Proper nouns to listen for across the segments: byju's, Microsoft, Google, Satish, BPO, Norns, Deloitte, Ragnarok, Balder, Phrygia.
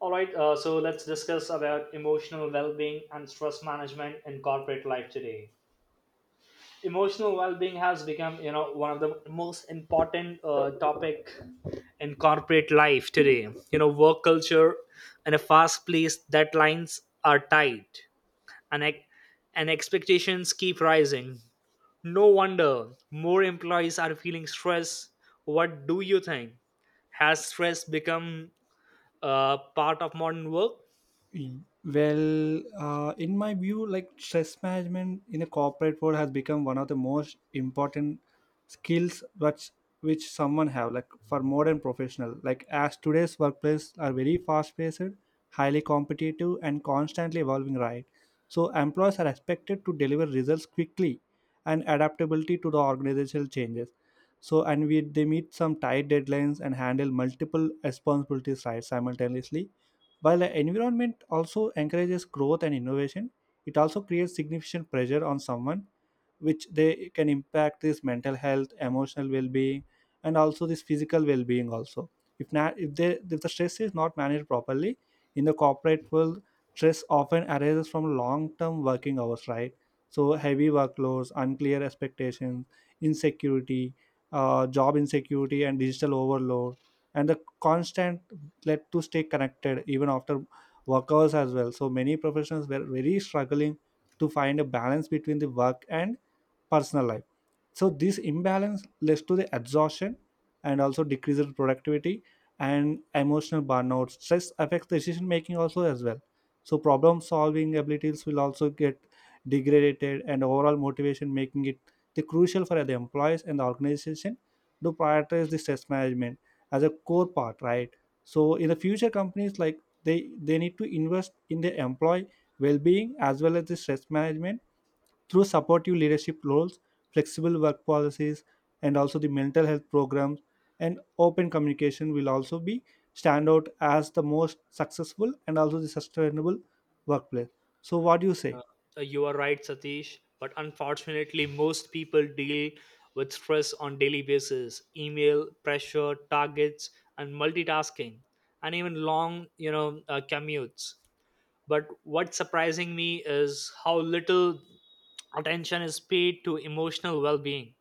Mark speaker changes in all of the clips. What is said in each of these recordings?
Speaker 1: All right, so let's discuss about emotional well-being and stress management in corporate life today. Emotional well-being has become, you know, one of the most important topic in corporate life today. Work culture and a fast-paced deadlines are tight, and ex- and expectations keep rising. No wonder more employees are feeling stress. What do you think? Has stress become part of modern work?
Speaker 2: Mm. Well, in my view, stress management in a corporate world has become one of the most important skills which someone have like for modern professional. Like as today's workplace are very fast paced, highly competitive, and constantly evolving. Right, so employees are expected to deliver results quickly and adaptability to the organizational changes. So and we they meet some tight deadlines and handle multiple responsibilities right simultaneously while the environment also encourages growth and innovation, it also creates significant pressure on someone, which they can impact this mental health, emotional well-being, and also this physical well-being also. If not, if they if the stress is not managed properly in the corporate world, stress often arises from long-term working hours, right? So heavy workloads, unclear expectations, insecurity, job insecurity, and digital overload, and the constant led to stay connected even after work hours as well. So many professionals were very struggling to find a balance between the work and personal life. So this imbalance leads to the exhaustion and also decreased productivity and emotional burnout. Stress affects decision making also as well, so problem solving abilities will also get degraded and overall motivation, making it the crucial for the employees and the organization to prioritize the stress management as a core part, right? So in the future companies like they need to invest in their employee well-being as well as the stress management through supportive leadership roles, flexible work policies, and also the mental health programs and open communication will also be stand out as the most successful and also the sustainable workplace. So what do you say?
Speaker 1: Uh, you are right, Satish. But unfortunately, most people deal with stress on daily basis: email pressure, targets, and multitasking, and even long, you know, commutes. But what's surprising me is how little attention is paid to emotional well being,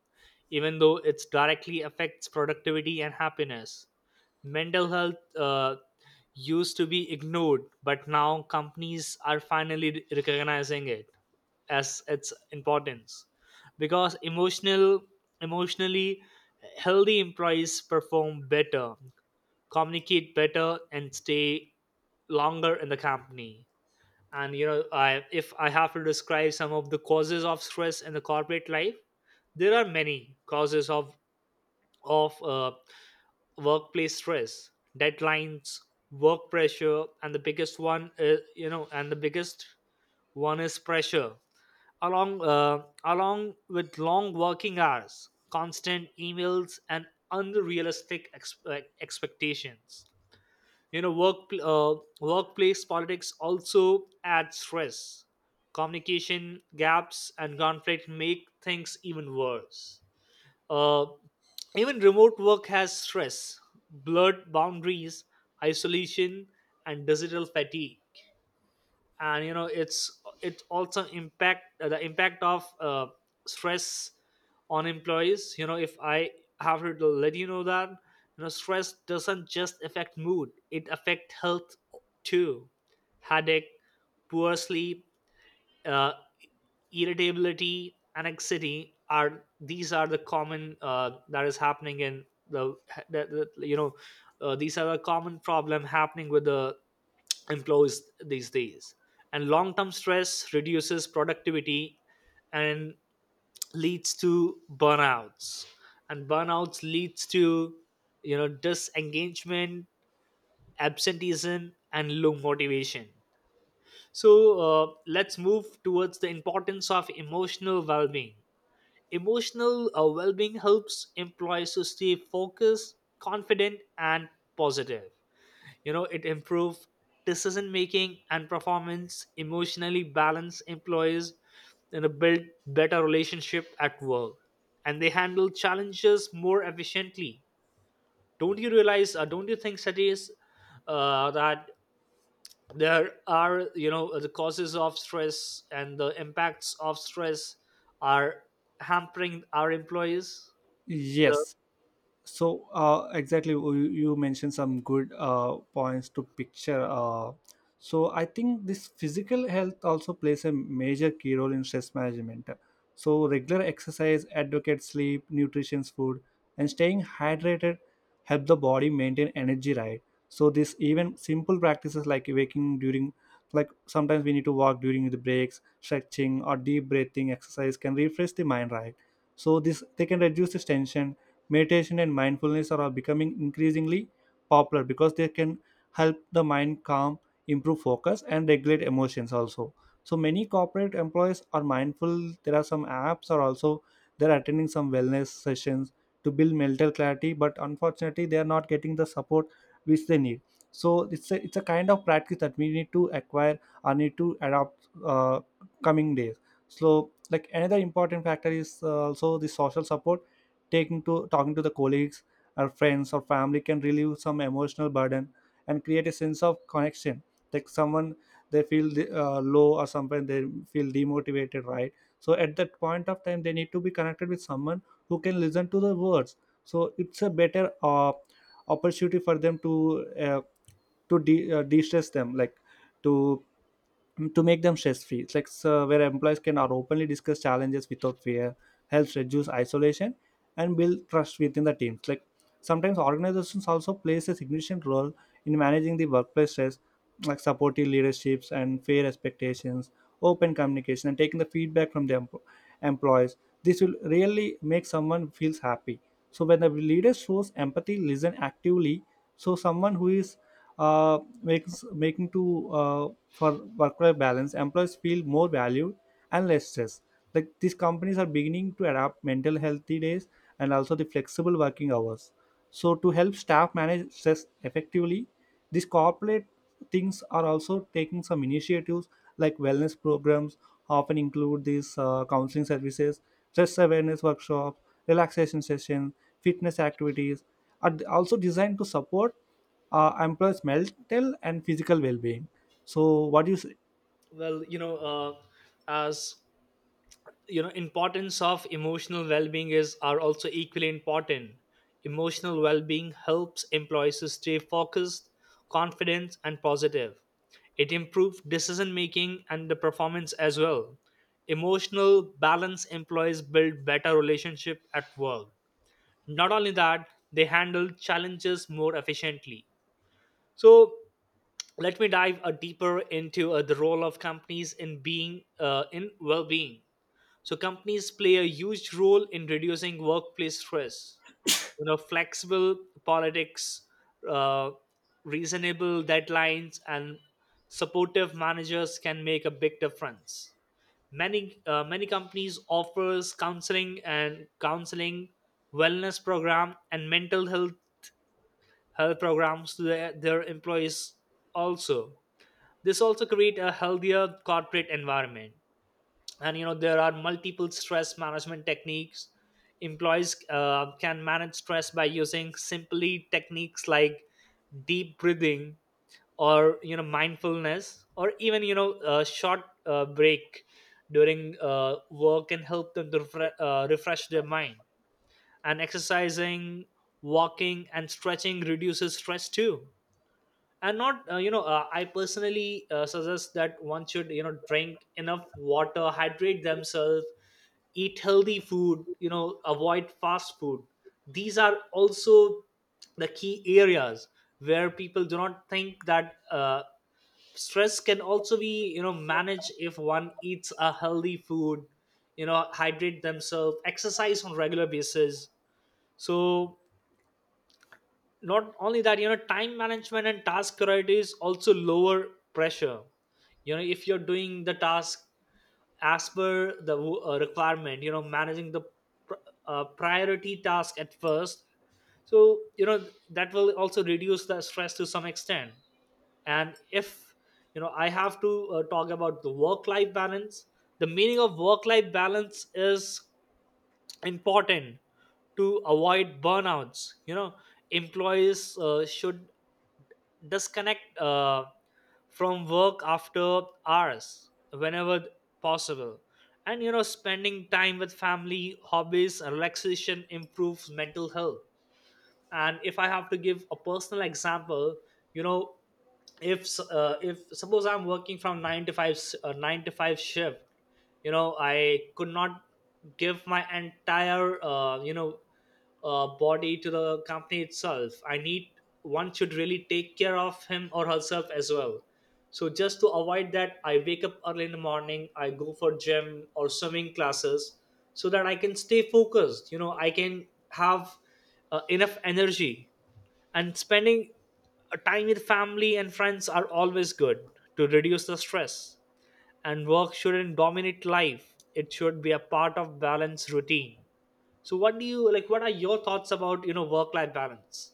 Speaker 1: even though it directly affects productivity and happiness. Mental health used to be ignored, but now companies are finally recognizing it as its importance because emotionally healthy employees perform better, communicate better, and stay longer in the company. And you know i if i have to describe some of the causes of stress in the corporate life, there are many causes of workplace stress: deadlines, work pressure, and the biggest one is pressure, along with long working hours, constant emails, and unrealistic expectations. You know work uh, workplace politics also adds stress. Communication gaps and conflict make things even worse. Uh, even remote work has stress: blurred boundaries, isolation, and digital fatigue. And it also impact the impact of stress on employees. If I have to let you know that stress doesn't just affect mood. It affect health too. Headache, poor sleep, uh, irritability, anxiety are the common that is happening in the these are a common problem happening with the employees these days. And long-term stress reduces productivity and leads to burnouts, and burnouts leads to disengagement, absenteeism, and low motivation. So let's move towards the importance of emotional well being. Emotional well being helps employees to stay focused, confident, and positive. It improves decision making and performance, emotionally balanced employees, and build better relationship at work. And they handle challenges more efficiently. Don't you think, Satish, that there are the causes of stress and the impacts of stress are hampering our employees the,
Speaker 2: Yes, so exactly you mentioned some good points to picture so I think this physical health also plays a major key role in stress management. So regular exercise, adequate sleep, nutritious food, and staying hydrated help the body maintain energy, right? So this even simple practices like waking during, like sometimes we need to walk during the breaks, stretching or deep breathing exercise can refresh the mind, right? So this they can reduce the tension. Meditation and mindfulness are becoming increasingly popular because they can help the mind calm, improve focus, and regulate emotions also. So many corporate employees are mindful. There are some apps or also they're attending some wellness sessions to build mental clarity, but unfortunately they are not getting the support which they need. So it's a kind of practice that we need to acquire or need to adopt coming days. So like another important factor is also the social support. Taking to talking to the colleagues or friends or family can relieve some emotional burden and create a sense of connection. Like someone they feel low or sometimes they feel demotivated, right? So at that point of time they need to be connected with someone who can listen to the words. So it's a better opportunity for them to uh, to de-stress them, like to to make them stress free. It's like where employees can are openly discuss challenges without fear, helps reduce isolation, and build trust within the teams. Like sometimes organizations also plays a significant role in managing the workplace stress, like supportive leaderships and fair expectations, open communication, and taking the feedback from the employees. This will really make someone feels happy. So when the leader shows empathy, listen actively. So someone who is makes making to for work-life balance, employees feel more valued and less stress. Like these companies are beginning to adapt mental healthy days and also the flexible working hours. So to help staff manage stress effectively, these corporate things are also taking some initiatives like wellness programs often include these counseling services, stress awareness workshops, relaxation sessions, fitness activities are also designed to support employees' mental and physical well-being. So, what do you?
Speaker 1: well you know uh, as you know, importance of emotional well-being is are also equally important. Emotional well-being helps employees to stay focused, confident, and positive. It improves decision making and the performance as well. Emotional balance employees build better relationship at work. Not only that, they handle challenges more efficiently. So let me dive deeper into the role of companies in being in well-being. So companies play a huge role in reducing workplace stress. Flexible politics, uh, reasonable deadlines, and supportive managers can make a big difference. Many companies offers counseling and counseling wellness program and mental health programs to their employees also. This also create a healthier corporate environment. And there are multiple stress management techniques. Employees can manage stress by using simply techniques like deep breathing, or mindfulness, or even a short break during work can help them to refresh their mind. And exercising, walking, and stretching reduces stress too. And not I personally suggest that one should drink enough water, hydrate themselves, eat healthy food, avoid fast food. These are also the key areas where people do not think that stress can also be managed if one eats a healthy food, hydrate themselves, exercise on regular basis. So not only that, time management and task priorities also lower pressure. If you're doing the task as per the requirement, managing the pr- priority task at first, so you know that will also reduce the stress to some extent. And if I have to talk about the work life balance, the meaning of work life balance is important to avoid burnouts. You know employees should disconnect from work after hours whenever possible. And spending time with family, hobbies, and relaxation improves mental health. And if I have to give a personal example, you know if if suppose I'm working from 9 to 5 shift. I could not give my entire body to the company itself. I need, one should really take care of him or herself as well. So just to avoid that, I wake up early in the morning, I go for gym or swimming classes so that I can stay focused. I can have enough energy, and spending time with family and friends are always good to reduce the stress. And work shouldn't dominate life, it should be a part of balanced routine. So what do you like, what are your thoughts about work life balance?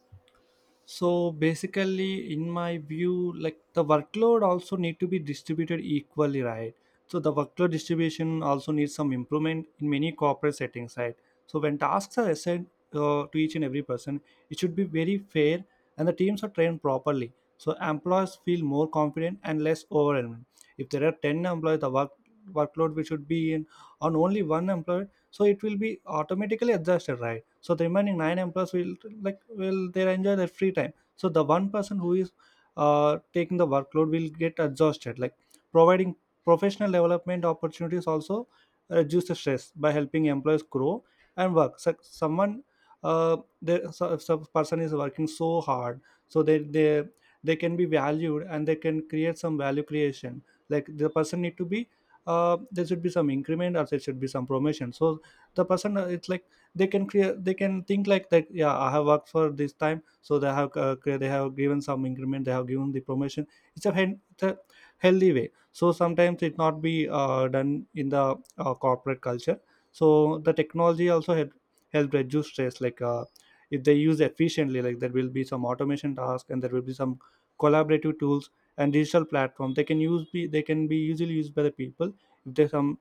Speaker 2: So basically in my view, like the workload also need to be distributed equally, right? So the workload distribution also needs some improvement in many corporate settings, right? So when tasks are assigned to each and every person, it should be very fair and the teams are trained properly, so employees feel more confident and less overwhelmed. If there are 10 employees, the workload we should be in on only one employee, so it will be automatically adjusted, right? So the remaining nine employees will, like will they enjoy their free time? So the one person who is taking the workload will get exhausted. Like providing professional development opportunities also reduce the stress by helping employees grow and work. So someone uh, so if some person is working so hard, so they can be valued and they can create some value creation. Like the person need to be there should be some increment or there should be some promotion. So the person it's like they can create, they can think like that, yeah, I have worked for this time, so they have they have given some increment, they have given the promotion. It's a healthy way, so sometimes it not be done in the corporate culture. So the technology also help reduce stress like if they use efficiently, like there will be some automation task and there will be some collaborative tools and digital platform they can use be they can be easily used by the people. If they some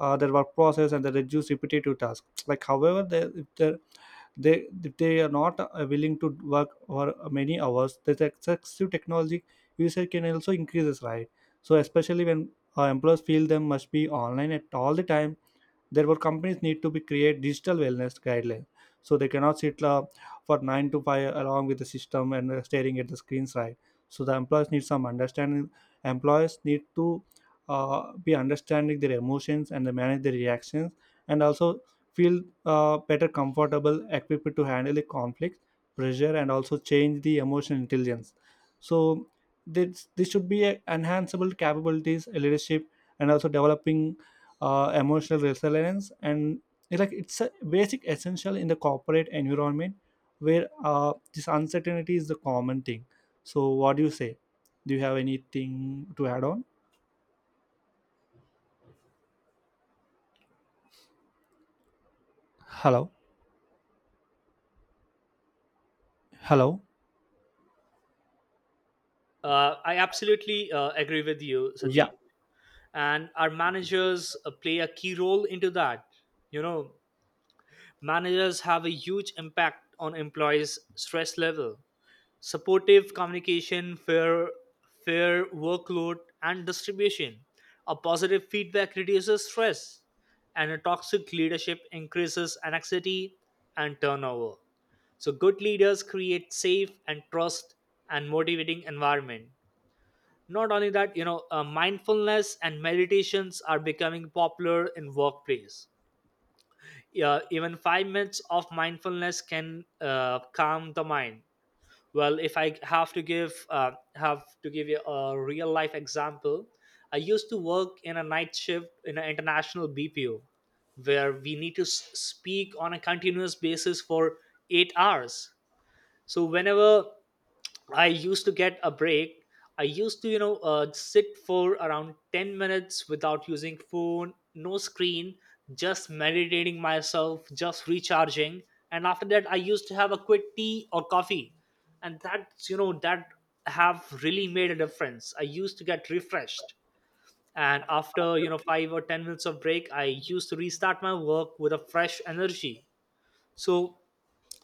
Speaker 2: their work process and they reduce repetitive tasks, like however they if they if they are not willing to work for many hours, this excessive technology usage can also increases, right? So especially when employers feel them must be online at all the time, therefore companies need to be create digital wellness guidelines. So they cannot sit for 9 to 5 along with the system and staring at the screens, right? So the employees need some understanding. Employees need to uh, be understanding their emotions and they manage their reactions and also feel better comfortable equipped to handle the conflict, pressure, and also change the emotional intelligence. So this should be a enhanceable capabilities a leadership and also developing emotional resilience. And it's like it's a basic essential in the corporate environment where this uncertainty is the common thing. So what do you say? Do you have anything to add on? Hello? Hello?
Speaker 1: I absolutely agree with you, Sati.
Speaker 2: Yeah.
Speaker 1: And our managers play a key role into that. You know Managers have a huge impact on employees' stress level. Supportive communication, fair workload, and distribution. A positive feedback reduces stress, and a toxic leadership increases anxiety and turnover. So, good leaders create safe and trust and motivating environment. Not only that, mindfulness and meditations are becoming popular in workplace. Yeah, even 5 minutes of mindfulness can calm the mind. Well, if I have to give you a real life example, I used to work in a night shift in an international BPO, where we need to speak on a continuous basis for 8 hours. So whenever I used to get a break, I used to, sit for around 10 minutes without using phone, no screen, just meditating myself, just recharging. And after that, I used to have a quick tea or coffee. And that have really made a difference. I used to get refreshed. And after, you know, five or 10 minutes of break, I used to restart my work with a fresh energy. So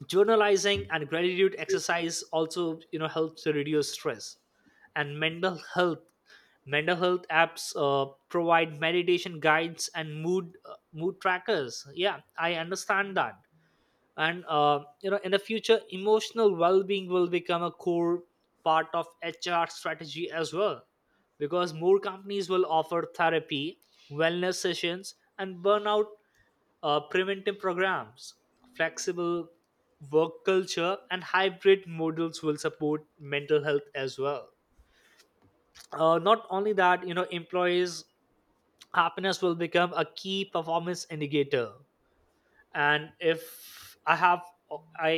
Speaker 1: journalizing and gratitude exercise also helps to reduce stress and mental health. Mental health apps provide meditation guides and mood trackers. Yeah, I understand that. And uh, you know in the future, emotional well-being will become a core part of HR strategy as well, because more companies will offer therapy, wellness sessions, and burnout preventive programs. Flexible work culture and hybrid models will support mental health as well. Not only that, employees' happiness will become a key performance indicator. And I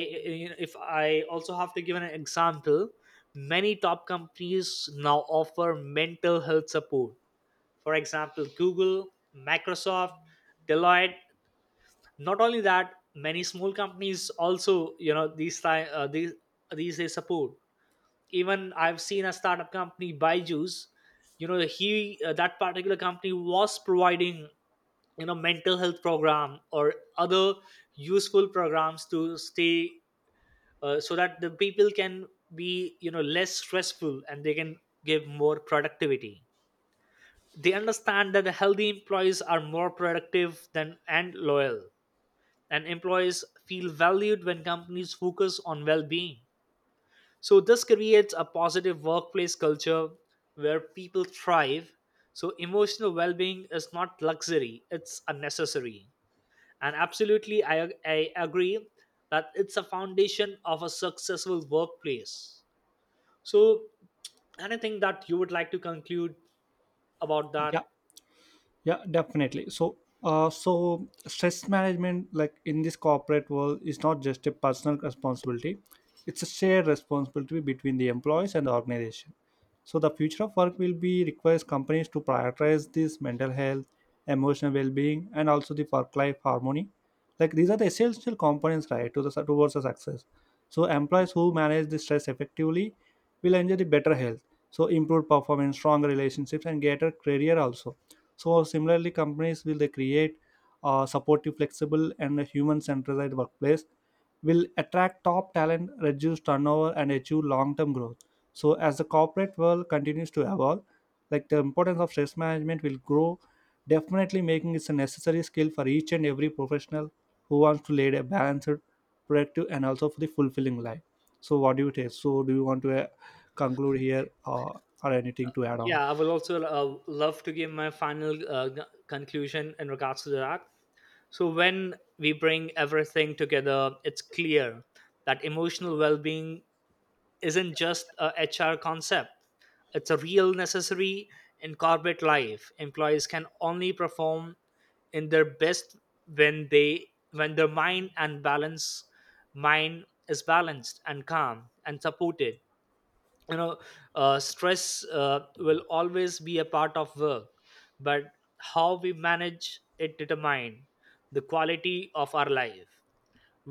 Speaker 1: if I also have to give an example, many top companies now offer mental health support. For example, Google, Microsoft, Deloitte. Not only that, many small companies also these time these they support. Even I've seen a startup company Byju's. You know he uh, that particular company was providing mental health program or other useful programs to stay, so that the people can be less stressful and they can give more productivity. They understand that the healthy employees are more productive than and loyal, and employees feel valued when companies focus on well-being. So this creates a positive workplace culture where people thrive. So emotional well-being is not luxury, it's a necessary. And absolutely I agree that it's a foundation of a successful workplace. So, anything that you would like to conclude about that?
Speaker 2: Yeah yeah definitely. So so stress management like in this corporate world is not just a personal responsibility. It's a shared responsibility between the employees and the organization. So the future of work will be requires companies to prioritize this mental health, emotional well-being, and also the work-life harmony. Like these are the essential components, right, to the towards the success. So employees who manage the stress effectively will enjoy the better health. So improved performance, stronger relationships, and greater career also. So similarly, companies will they create a supportive, flexible, and a human-centered workplace will attract top talent, reduce turnover, and achieve long-term growth. So as the corporate world continues to evolve, like the importance of stress management will grow, definitely making it a necessary skill for each and every professional who wants to lead a balanced, productive, and also for the fulfilling life. So what do you take? So do you want to conclude here or anything to add on?
Speaker 1: Yeah, I will also love to give my final conclusion in regards to that. So, when we bring everything together, it's clear that emotional well being isn't just a HR concept, it's a real necessary in corporate life. Employees can only perform in their best when their mind and balance mind is balanced and calm and supported. You know uh, stress uh, will always be a part of work, but how we manage it determine the quality of our life.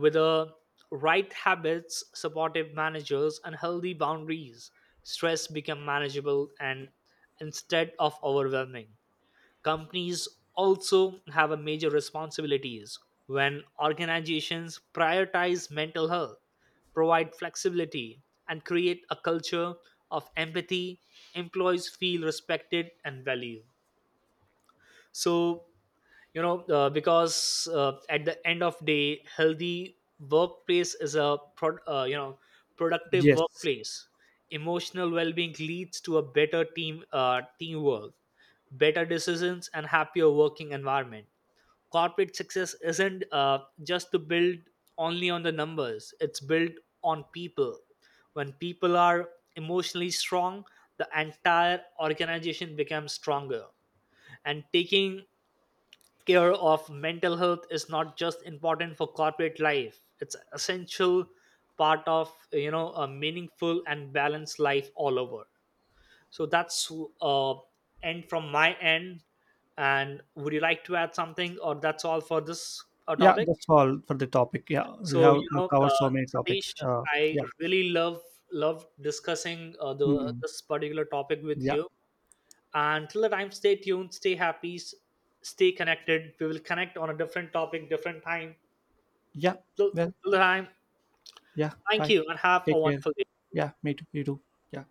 Speaker 1: With the right habits, supportive managers, and healthy boundaries, stress become manageable and instead of overwhelming. Companies also have a major responsibilities. When organizations prioritize mental health, provide flexibility, and create a culture of empathy, employees feel respected and valued. So you know uh, because uh, at the end of day, healthy workplace is a productive
Speaker 2: Yes.
Speaker 1: workplace. Emotional well-being leads to a better teamwork, better decisions, and happier working environment. Corporate success isn't just to build only on the numbers, it's built on people. When people are emotionally strong, the entire organization becomes stronger. And taking care of mental health is not just important for corporate life, it's an essential part of a meaningful and balanced life all over. So that's uh end from my end. And would you like to add something, or that's all for this
Speaker 2: Yeah,
Speaker 1: topic?
Speaker 2: that's all for the topic. Yeah, we
Speaker 1: so
Speaker 2: have
Speaker 1: you know
Speaker 2: covered
Speaker 1: uh,
Speaker 2: so many
Speaker 1: satish
Speaker 2: topics.
Speaker 1: I
Speaker 2: Yeah.
Speaker 1: really love discussing the
Speaker 2: Hmm.
Speaker 1: this particular topic with
Speaker 2: Yeah,
Speaker 1: you. Until the time, stay tuned, stay happy, stay connected. We will connect on a different topic, different time.
Speaker 2: yeah.
Speaker 1: Till
Speaker 2: Well,
Speaker 1: till the time,
Speaker 2: yeah.
Speaker 1: thank
Speaker 2: Bye.
Speaker 1: you and have a
Speaker 2: Take care.
Speaker 1: wonderful day.
Speaker 2: Yeah, me too. You too. Yeah.